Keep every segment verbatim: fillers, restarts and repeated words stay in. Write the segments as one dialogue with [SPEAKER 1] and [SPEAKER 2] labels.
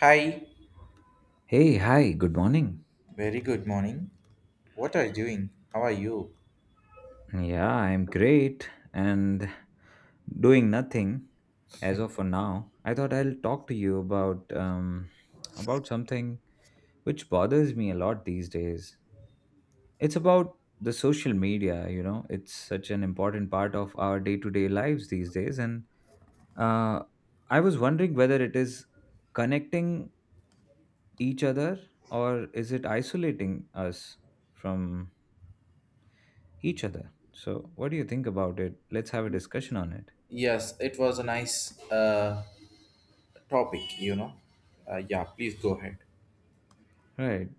[SPEAKER 1] Hi.
[SPEAKER 2] Hey, hi, good morning.
[SPEAKER 1] Very good morning. What are you doing? How are you?
[SPEAKER 2] Yeah, I'm great and doing nothing as of for now. I thought I'll talk to you about um about something which bothers me a lot these days. It's about the social media, you know. It's such an important part of our day-to-day lives these days and uh I was wondering whether it is connecting each other or is it isolating us from each other. So, what do you think about it? Let's have a discussion on it.
[SPEAKER 1] Yes, it was a nice uh, topic, you know. Uh, yeah, please go ahead.
[SPEAKER 2] Right.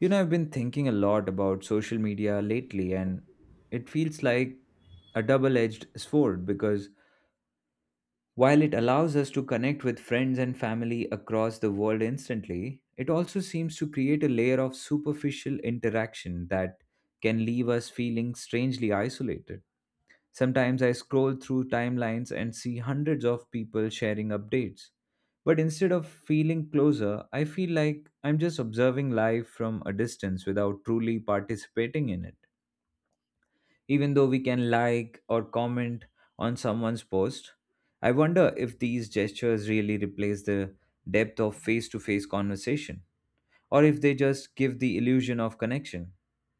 [SPEAKER 2] You know, I've been thinking a lot about social media lately, and it feels like a double edged sword because while it allows us to connect with friends and family across the world instantly, it also seems to create a layer of superficial interaction that can leave us feeling strangely isolated. Sometimes I scroll through timelines and see hundreds of people sharing updates. But instead of feeling closer, I feel like I'm just observing life from a distance without truly participating in it. Even though we can like or comment on someone's post, I wonder if these gestures really replace the depth of face to face conversation or if they just give the illusion of connection.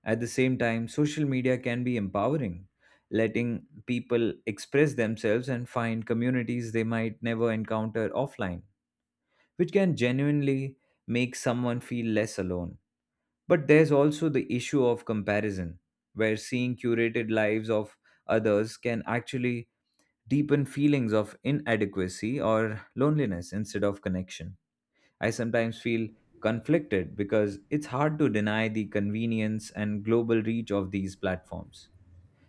[SPEAKER 2] At the same time, social media can be empowering, letting people express themselves and find communities they might never encounter offline, which can genuinely make someone feel less alone. But there's also the issue of comparison, where seeing curated lives of others can actually deepen feelings of inadequacy or loneliness instead of connection. I sometimes feel conflicted because it's hard to deny the convenience and global reach of these platforms.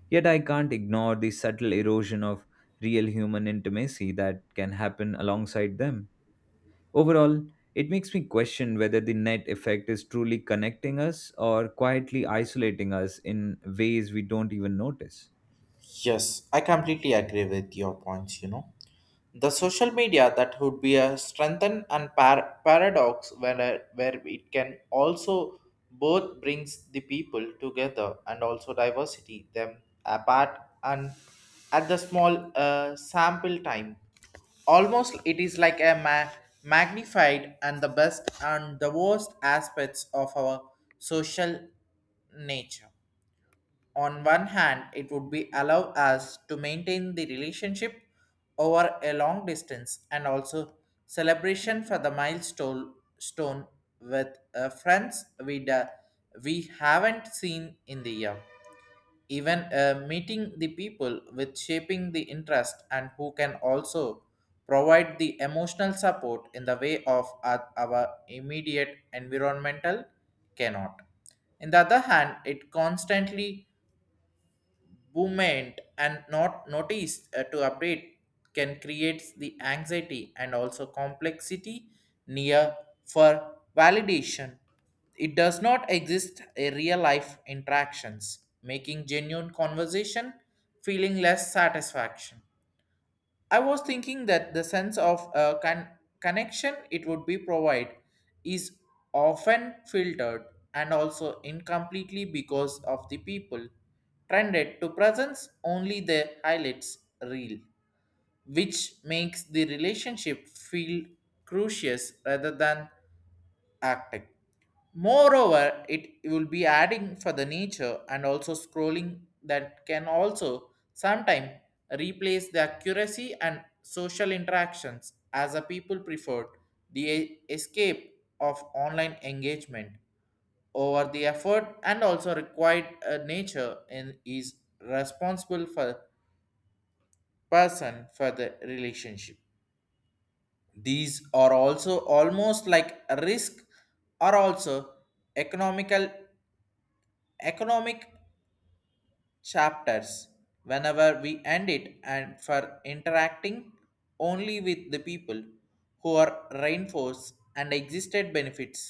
[SPEAKER 2] Yet I can't ignore the subtle erosion of real human intimacy that can happen alongside them. Overall, it makes me question whether the net effect is truly connecting us or quietly isolating us in ways we don't even notice.
[SPEAKER 1] Yes, I completely agree with your points, you know. The social media that would be a strengthen and par- paradox where, where it can also both brings the people together and also diversity them apart, and at the small uh, sample time almost it is like a ma- magnified and the best and the worst aspects of our social nature. On one hand, it would be allow us to maintain the relationship over a long distance and also celebration for the milestone stone with uh, friends we da- we haven't seen in the year. Even uh, meeting the people with shaping the interest and who can also provide the emotional support in the way of our our immediate environmental cannot. In the other hand, it constantly movement and not notice uh, to update can create the anxiety and also complexity near for validation, it does not exist a real life interactions making genuine conversation feeling less satisfaction. I was thinking that the sense of uh, con- connection it would be provide is often filtered and also incompletely because of the people trended to presence only the highlights reel, which makes the relationship feel crucious rather than acting. Moreover, it will be adding for the nature and also scrolling that can also sometimes replace the accuracy and social interactions as a people preferred the e- escape of online engagement over the effort and also required uh, nature and is responsible for person for the relationship. These are also almost like a risk, are also economical economic chapters whenever we end it and for interacting only with the people who are reinforced and existed benefits,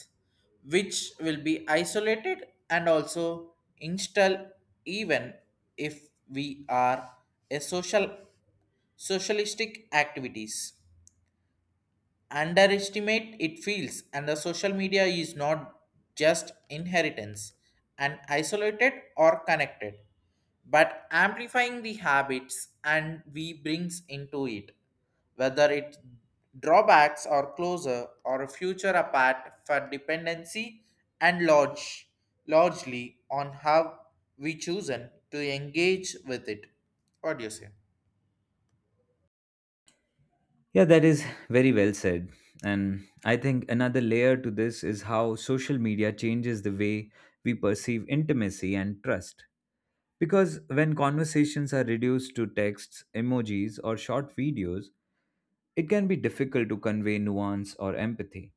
[SPEAKER 1] which will be isolated and also install, even if we are a social socialistic activities underestimate it feels, and the social media is not just inheritance and isolated or connected, but amplifying the habits and we brings into it, whether it drawbacks or closer or a future apart for dependency and large, largely on how we chosen to engage with it. What do you say?
[SPEAKER 2] Yeah, that is very well said. And I think another layer to this is how social media changes the way we perceive intimacy and trust. Because when conversations are reduced to texts, emojis, or short videos, it can be difficult to convey nuance or empathy,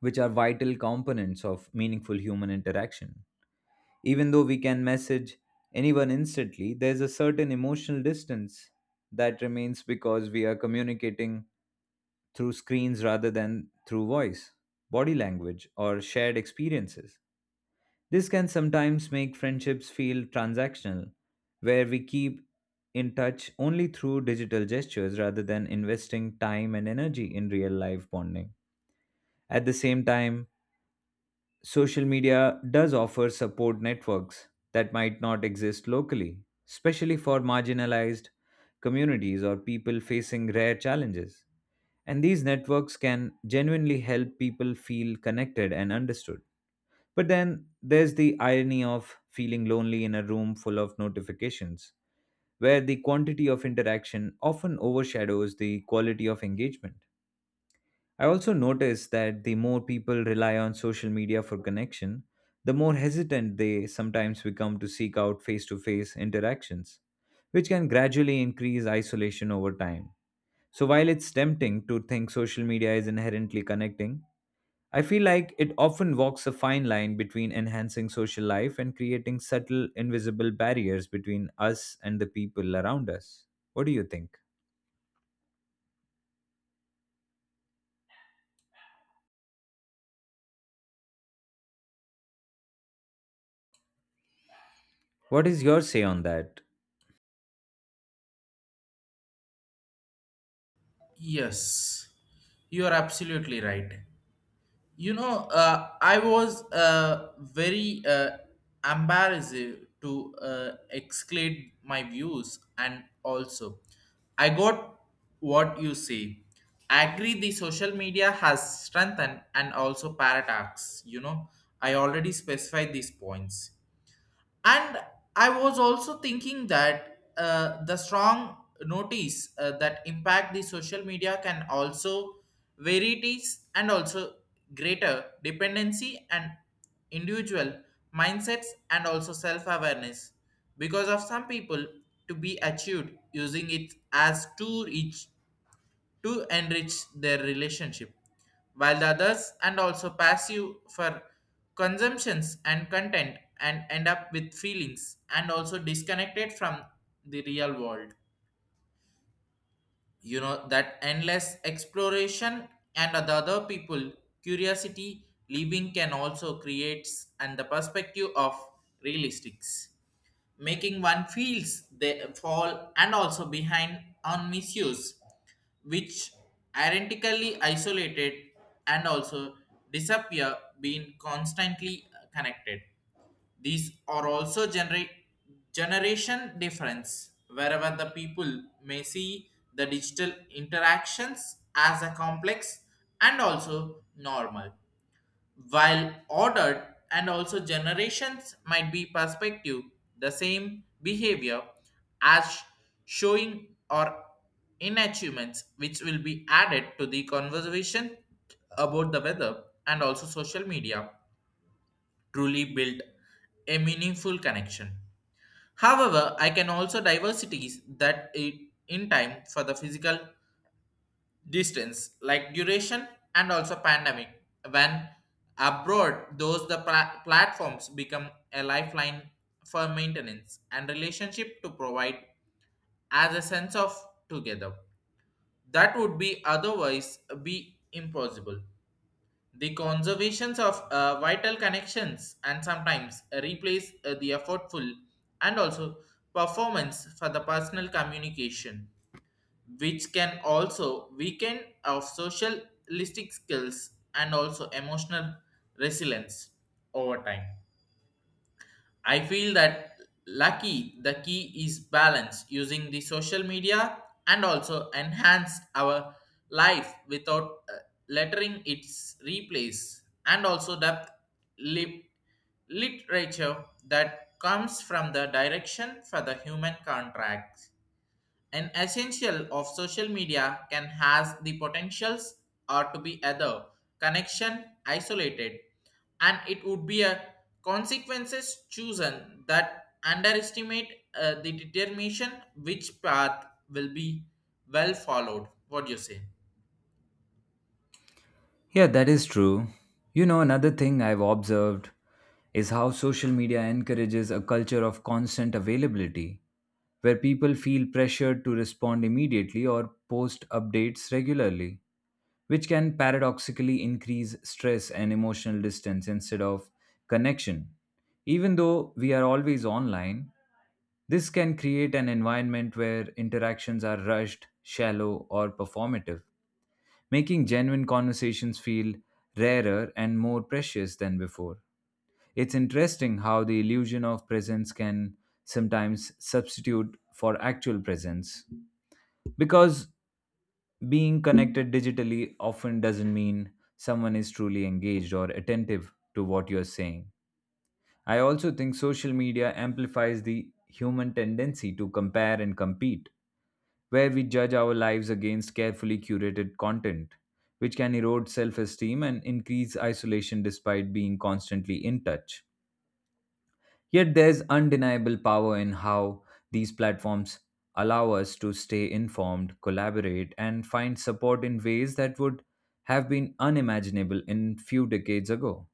[SPEAKER 2] which are vital components of meaningful human interaction. Even though we can message anyone instantly, there's a certain emotional distance that remains because we are communicating through screens rather than through voice, body language, or shared experiences. This can sometimes make friendships feel transactional, where we keep in touch only through digital gestures rather than investing time and energy in real life bonding. At the same time, social media does offer support networks that might not exist locally, especially for marginalized communities or people facing rare challenges. And these networks can genuinely help people feel connected and understood. But then there's the irony of feeling lonely in a room full of notifications, where the quantity of interaction often overshadows the quality of engagement. I also noticed that the more people rely on social media for connection, the more hesitant they sometimes become to seek out face to face interactions, which can gradually increase isolation over time. So, while it's tempting to think social media is inherently connecting, I feel like it often walks a fine line between enhancing social life and creating subtle, invisible barriers between us and the people around us. What do you think? What is your say on that?
[SPEAKER 1] Yes, you are absolutely right. You know, uh, I was uh, very uh, embarrassed to uh, exclude my views, and also I got what you say. I agree the social media has strengthened and also paradox. You know, I already specified these points, and I was also thinking that uh, the strong notice uh, that impact the social media can also varieties and also greater dependency and individual mindsets and also self-awareness because of some people to be achieved using it as too rich to enrich their relationship, while the others and also passive for consumptions and content and end up with feelings and also disconnected from the real world. You know that endless exploration and the other people curiosity living can also creates and the perspective of realistics making one feels they fall and also behind on misuse, which ironically isolated and also disappear being constantly connected. These are also generate generation difference wherever the people may see the digital interactions as a complex and also normal, while ordered and also generations might be perspective the same behavior as showing or inachievements, which will be added to the conversation about the weather and also social media truly build a meaningful connection. However, I can also diversities that it in time for the physical distance like duration and also pandemic, when abroad those the pla- platforms become a lifeline for maintenance and relationship to provide as a sense of together that would be otherwise be impossible. The conservations of uh, vital connections and sometimes replace uh, the effortful and also performance for the personal communication, which can also weaken of socialistic skills and also emotional resilience over time. I feel that lucky the key is balance using the social media and also enhance our life without uh, lettering its replace and also depth lit- literature that comes from the direction for the human contracts. An essential of social media can has the potentials are to be other connection isolated, and it would be a consequences chosen that underestimate uh, the determination which path will be well followed. What do you say?
[SPEAKER 2] Yeah, that is true. You know, another thing I've observed is how social media encourages a culture of constant availability, where people feel pressured to respond immediately or post updates regularly, which can paradoxically increase stress and emotional distance instead of connection. Even though we are always online, this can create an environment where interactions are rushed, shallow, or performative making genuine conversations feel rarer and more precious than before. It's interesting how the illusion of presence can sometimes substitute for actual presence because being connected digitally often doesn't mean someone is truly engaged or attentive to what you're saying. I also think social media amplifies the human tendency to compare and compete where we judge our lives against carefully curated content, which can erode self esteem and increase isolation despite being constantly in touch. Yet there's undeniable power in how these platforms allow us to stay informed, collaborate, and find support in ways that would have been unimaginable in few decades ago,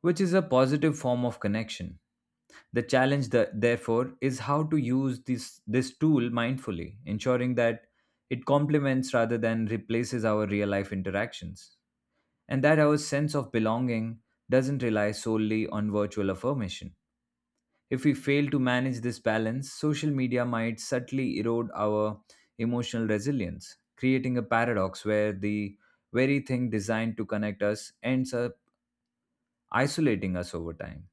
[SPEAKER 2] which is a positive form of connection. The challenge, the- therefore, is how to use this, this tool mindfully, ensuring that it complements rather than replaces our real life interactions, and that our sense of belonging doesn't rely solely on virtual affirmation. If we fail to manage this balance, social media might subtly erode our emotional resilience, creating a paradox where the very thing designed to connect us ends up isolating us over time.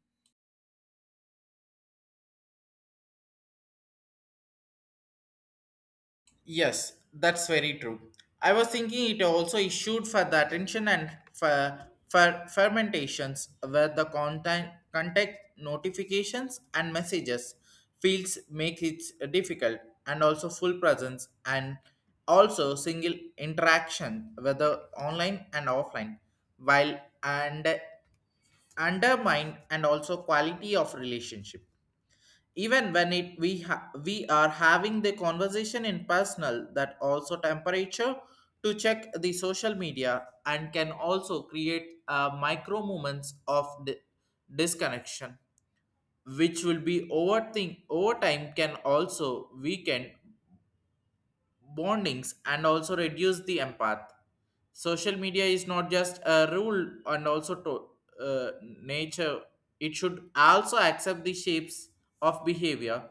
[SPEAKER 1] Yes, that's very true. I was thinking it also issued for the attention and for, for fermentations where the content, contact notifications and messages fields make it difficult and also full presence and also single interaction whether online and offline, while and undermine and also quality of relationship. Even when it we ha- we are having the conversation in personal that also temperature to check the social media and can also create uh, micro moments of di- disconnection, which will be overthink over time can also weaken bondings and also reduce the empath. Social media is not just a rule and also to uh, nature, it should also accept the shapes of behavior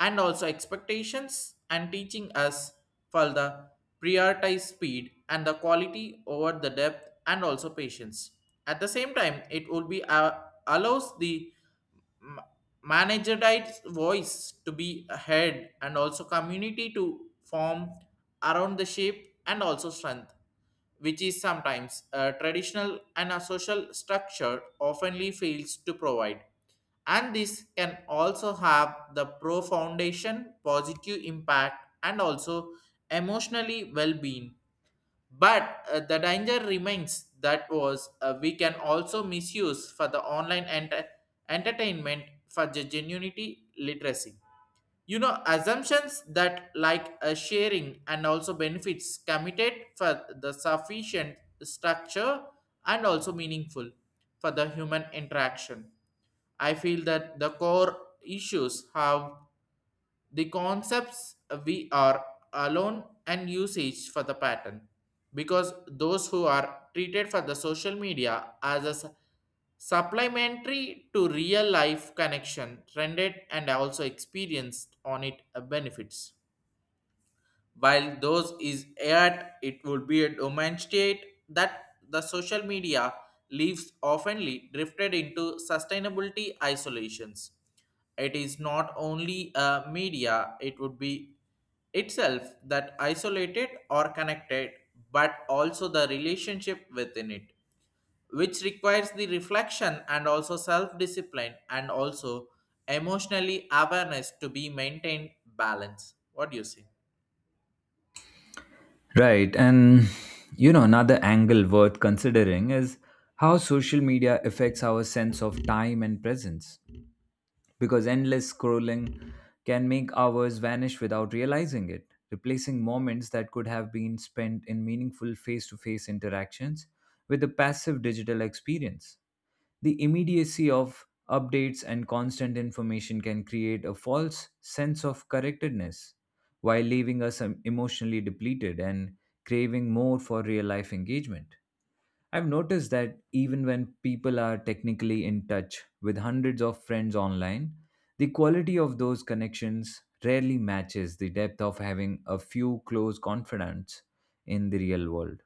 [SPEAKER 1] and also expectations and teaching us further prioritize speed and the quality over the depth and also patience. At the same time, it will be uh, allows the ma- managerized voice to be heard and also community to form around the shape and also strength, which is sometimes a traditional and a social structure oftenly fails to provide, and this can also have the pro foundation positive impact and also emotionally well-being. But uh, the danger remains that was uh, we can also misuse for the online enter- entertainment for the genuinity literacy, you know, assumptions that like a sharing and also benefits committed for the sufficient structure and also meaningful for the human interaction. I feel that the core issues have the concepts we are alone and usage for the pattern, because those who are treated for the social media as a su- supplementary to real life connection rendered and also experienced on it uh, benefits, while those is at it would be a demonstrate that the social media leaves oftenly drifted into sustainability isolations. It is not only a media, it would be itself that isolated or connected, but also the relationship within it, which requires the reflection and also self discipline and also emotionally awareness to be maintained balance. What do you say?
[SPEAKER 2] Right. And, you know, another angle worth considering is how social media affects our sense of time and presence. Because endless scrolling can make hours vanish without realizing it, replacing moments that could have been spent in meaningful face to face interactions with a passive digital experience. The immediacy of updates and constant information can create a false sense of correctedness while leaving us um, emotionally depleted and craving more for real life engagement. I've noticed that even when people are technically in touch with hundreds of friends online, the quality of those connections rarely matches the depth of having a few close confidants in the real world.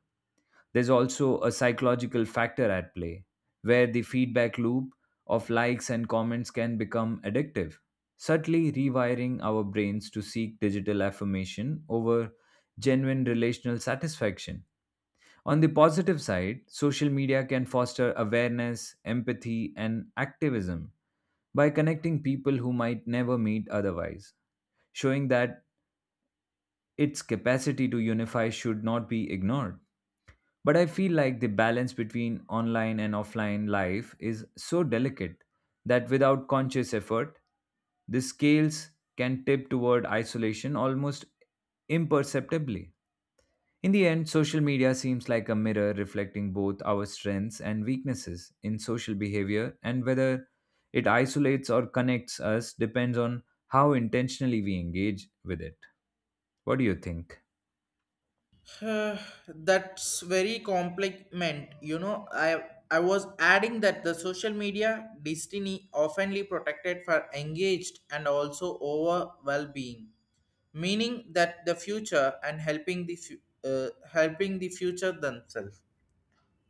[SPEAKER 2] There's also a psychological factor at play, where the feedback loop of likes and comments can become addictive, subtly rewiring our brains to seek digital affirmation over genuine relational satisfaction. On the positive side, social media can foster awareness, empathy, and activism by connecting people who might never meet otherwise, showing that its capacity to unify should not be ignored. But I feel like the balance between online and offline life is so delicate that without conscious effort, the scales can tip toward isolation almost imperceptibly. In the end, social media seems like a mirror reflecting both our strengths and weaknesses in social behavior, and whether it isolates or connects us depends on how intentionally we engage with it. What do you think?
[SPEAKER 1] Uh, that's very compliment. You know, I I was adding that the social media destiny oftenly protected for engaged and also over well-being, meaning that the future and helping the fu- uh, helping the future themselves.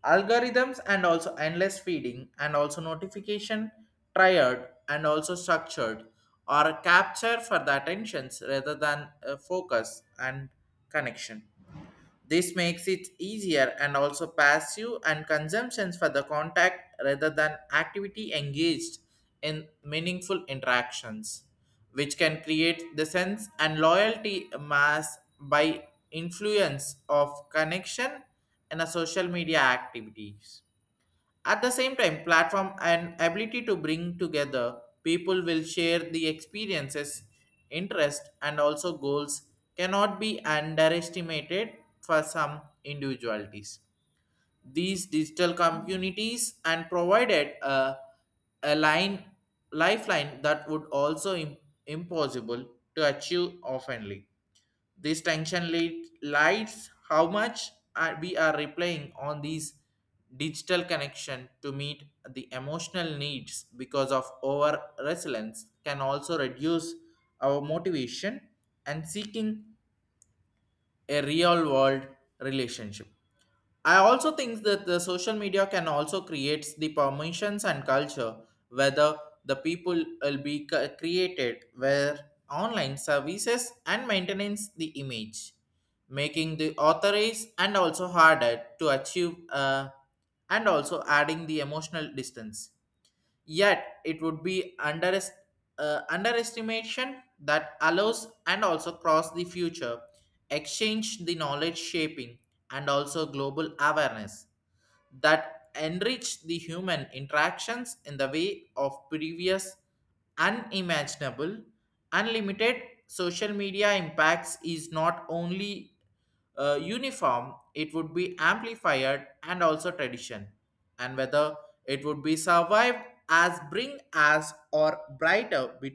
[SPEAKER 1] Algorithms and also endless feeding and also notification triad and also structured or capture for the attentions rather than uh, focus and connection. This makes it easier and also passive and consumptions for the contact rather than activity engaged in meaningful interactions, which can create the sense and loyalty mass by influence of connection in a social media activities. At the same time, platform and ability to bring together people will share the experiences, interest, and also goals cannot be underestimated for some individualities. These digital communities and provided a, a line lifeline that would also im- impossible to achieve oftenly. This tension lead, lights how much are- we are replying on these digital connection to meet the emotional needs, because of over resilience can also reduce our motivation and seeking a real world relationship. I also think that the social media can also creates the permissions and culture whether the people will be c- created where online services and maintenance the image, making the authorities and also harder to achieve uh, and also adding the emotional distance. Yet it would be under, uh, underestimation that allows and also cross the future, exchange the knowledge shaping and also global awareness that enrich the human interactions in the way of previous unimaginable unlimited. Social media impacts is not only uh, uniform, it would be amplified and also tradition, and whether it would be survived as bring as or brighter with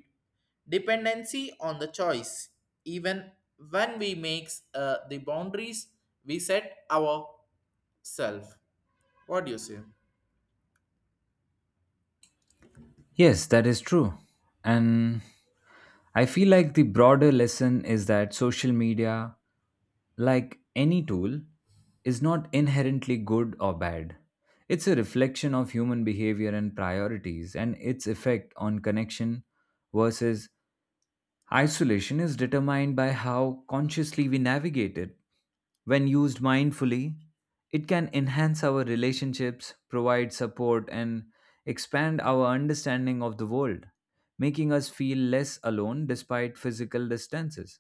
[SPEAKER 1] dependency on the choice, even when we makes uh, the boundaries we set ourselves. What do you say?
[SPEAKER 2] Yes, that is true. And I feel like the broader lesson is that social media, like any tool, is not inherently good or bad. It's a reflection of human behavior and priorities and its effect on connection versus isolation is determined by how consciously we navigate it. When used mindfully, it can enhance our relationships, provide support, and expand our understanding of the world, making us feel less alone despite physical distances.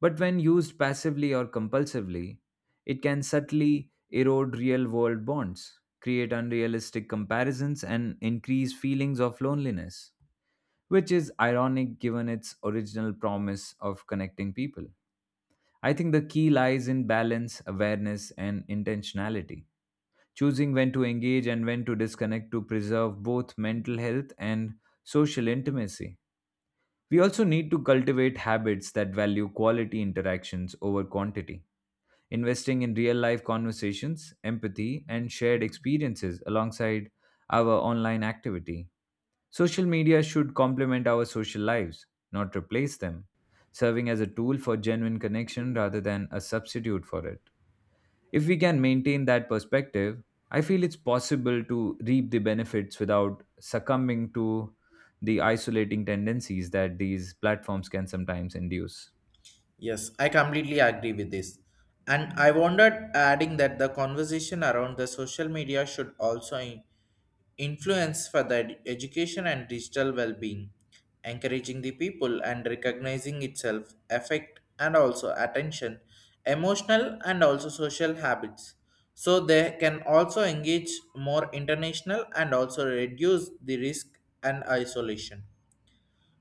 [SPEAKER 2] But when used passively or compulsively, it can subtly erode real world bonds, create unrealistic comparisons, and increase feelings of loneliness which is ironic given its original promise of connecting people. I think the key lies in balance, awareness, and intentionality. Choosing when to engage and when to disconnect to preserve both mental health and social intimacy. We also need to cultivate habits that value quality interactions over quantity investing in real life conversations, empathy, and shared experiences alongside our online activity. Social media should complement our social lives, not replace them, serving as a tool for genuine connection rather than a substitute for it. If we can maintain that perspective, I feel it's possible to reap the benefits without succumbing to the isolating tendencies that these platforms can sometimes induce.
[SPEAKER 1] Yes, I completely agree with this. And I wondered adding that the conversation around the social media should also in- influence for the ed- education and digital well-being, encouraging the people and recognizing itself affect and also attention, emotional and also social habits. So they can also engage more international and also reduce the risk and isolation.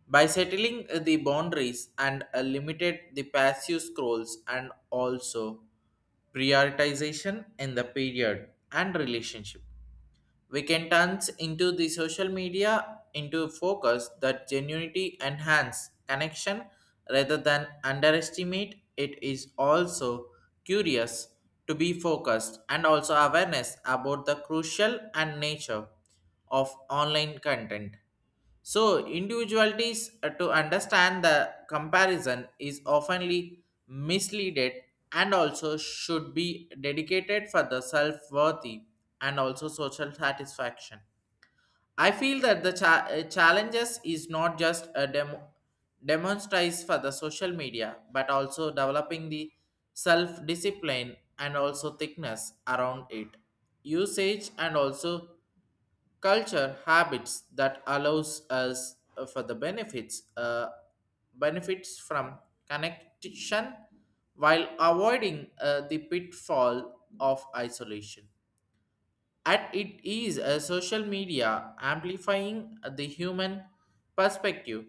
[SPEAKER 1] By settling uh, the boundaries and uh, limited the passive scrolls and also prioritization in the period and relationship, we can turn into the social media into a focus that genuinity enhance connection rather than underestimate. It is also curious to be focused and also awareness about the crucial and nature of online content, so individualities uh, to understand the comparison is oftenly misleaded and also should be dedicated for the self-worthy and also social satisfaction. I feel that the cha- uh, challenges is not just a demo- demonstrates for the social media, but also developing the self-discipline and also thickness around it. Usage and also culture habits that allows us uh, for the benefits uh, benefits from connection while avoiding uh, the pitfall of isolation. At it is a social media amplifying the human perspective,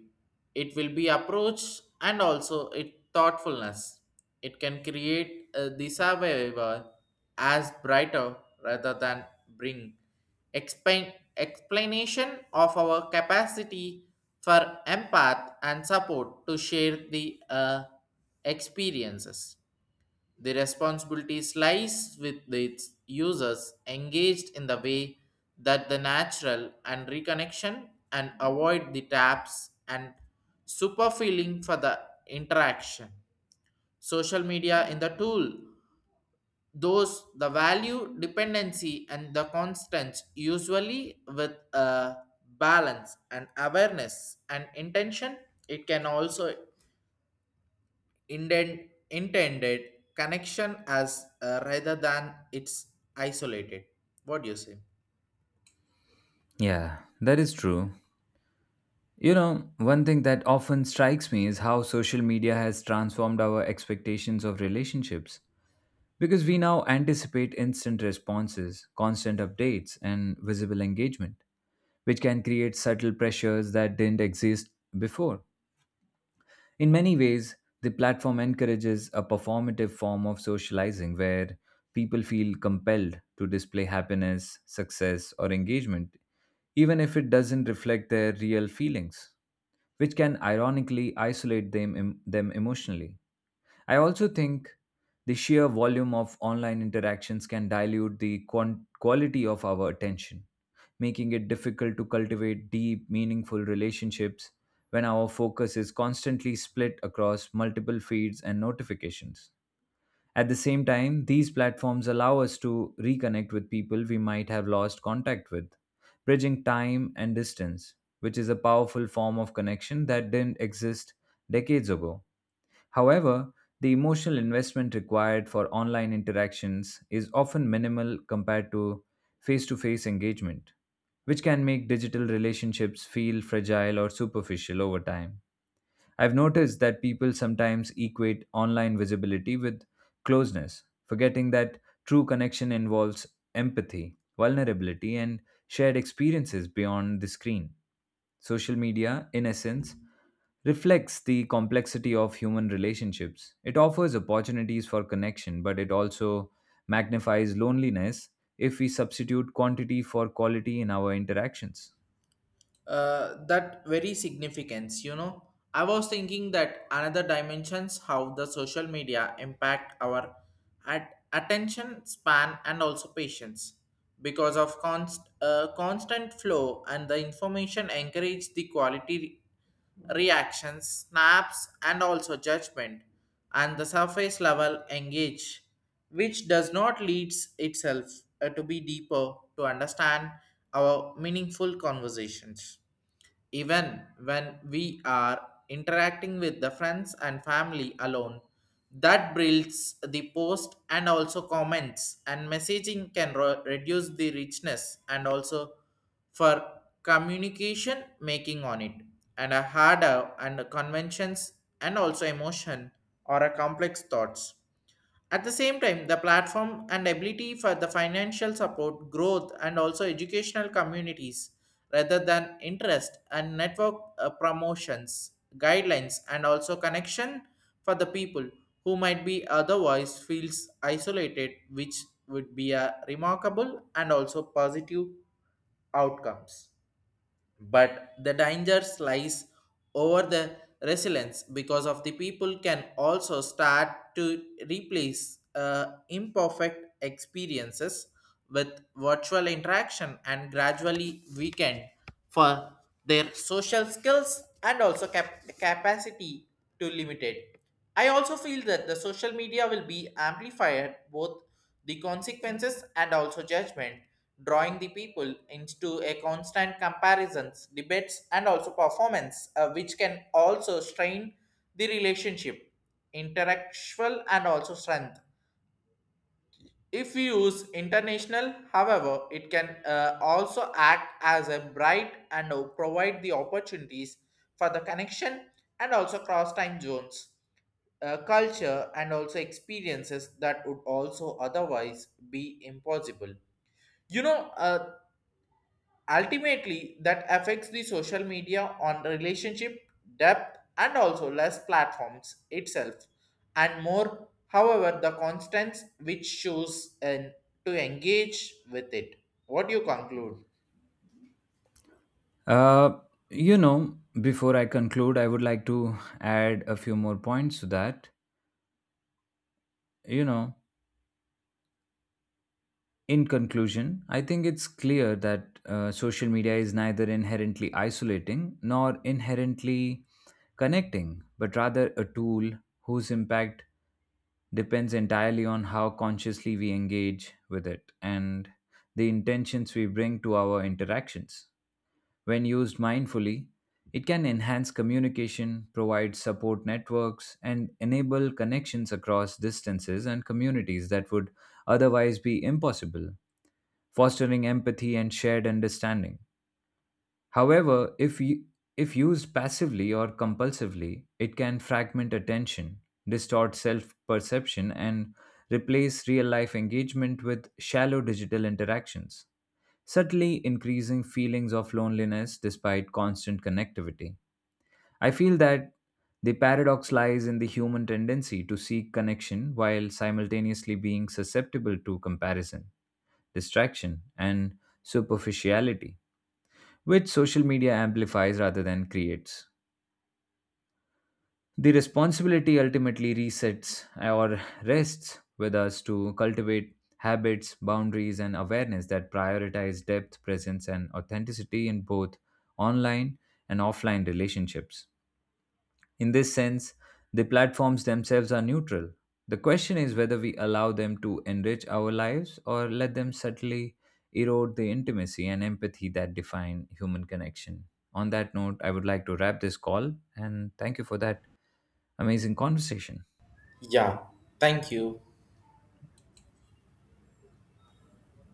[SPEAKER 1] it will be approach and also it thoughtfulness. It can create uh, the survivor as brighter rather than bring explain explanation of our capacity for empath and support to share the uh, experiences. The responsibility lies with its users engaged in the way that the natural and reconnection and avoid the taps and super feeling for the interaction. Social media in the tool, those the value dependency and the constants usually with a balance and awareness and intention, it can also indent, intended connection as uh, rather than it's isolated. What do you say?
[SPEAKER 2] Yeah, that is true. You know, one thing that often strikes me is how social media has transformed our expectations of relationships. Because we now anticipate instant responses, constant updates, and visible engagement, which can create subtle pressures that didn't exist before. In many ways, the platform encourages a performative form of socializing where people feel compelled to display happiness, success, or engagement, even if it doesn't reflect their real feelings which can ironically isolate them, em- them emotionally. I also think the sheer volume of online interactions can dilute the quan- quality of our attention, making it difficult to cultivate deep, meaningful relationships when our focus is constantly split across multiple feeds and notifications. At the same time, these platforms allow us to reconnect with people we might have lost contact with, bridging time and distance, which is a powerful form of connection that didn't exist decades ago. However, the emotional investment required for online interactions is often minimal compared to face to face engagement, which can make digital relationships feel fragile or superficial over time. I've noticed that people sometimes equate online visibility with closeness, forgetting that true connection involves empathy, vulnerability, and shared experiences beyond the screen. Social media, in essence, reflects the complexity of human relationships. It offers opportunities for connection, but it also magnifies loneliness if we substitute quantity for quality in our interactions.
[SPEAKER 1] Uh, that very significance, you know. I was thinking that another dimensions how the social media impact our at- attention span and also patience, because of const- uh, constant flow and the information encourage the quality reactions, snaps, and also judgment, and the surface level engage, which does not leads itself uh, to be deeper to understand our meaningful conversations. Even when we are interacting with the friends and family alone, that builds the post and also comments and messaging can ro- reduce the richness and also for communication making on it and a harder and conventions and also emotion or a complex thoughts. At the same time, the platform and ability for the financial support, growth, and also educational communities rather than interest and network uh, promotions, guidelines, and also connection for the people who might be otherwise feels isolated, which would be a remarkable and also positive outcomes. But the danger lies over the resilience, because of the people can also start to replace uh, imperfect experiences with virtual interaction and gradually weaken for their social skills and also cap- capacity to limit it. I also feel that the social media will be amplified both the consequences and also judgment, drawing the people into a constant comparisons, debates, and also performance, uh, which can also strain the relationship, intellectual, and also strength. If we use international, however, it can uh, also act as a bright and uh, provide the opportunities for the connection and also cross time zones, uh, culture, and also experiences that would also otherwise be impossible. You know, uh, Ultimately, that affects the social media on the relationship depth and also less platforms itself and more. However, the constants which shows and to engage with it. What do you conclude?
[SPEAKER 2] Uh, you know, before I conclude, I would like to add a few more points to that. You know, in conclusion, I think it's clear that uh, social media is neither inherently isolating nor inherently connecting, but rather a tool whose impact depends entirely on how consciously we engage with it and the intentions we bring to our interactions. When used mindfully, it can enhance communication, provide support networks, and enable connections across distances and communities that would otherwise be impossible, fostering empathy and shared understanding. However, if y- if used passively or compulsively, it can fragment attention, distort self-perception and replace real-life engagement with shallow digital interactions, subtly increasing feelings of loneliness despite constant connectivity. I feel that the paradox lies in the human tendency to seek connection while simultaneously being susceptible to comparison, distraction, and superficiality which social media amplifies rather than creates. The responsibility ultimately resets or rests with us to cultivate habits, boundaries, and awareness that prioritize depth, presence, and authenticity in both online and offline relationships. In this sense, the platforms themselves are neutral. The question is whether we allow them to enrich our lives or let them subtly erode the intimacy and empathy that define human connection. On that note, I would like to wrap this call and thank you for that amazing conversation.
[SPEAKER 1] Yeah, thank you.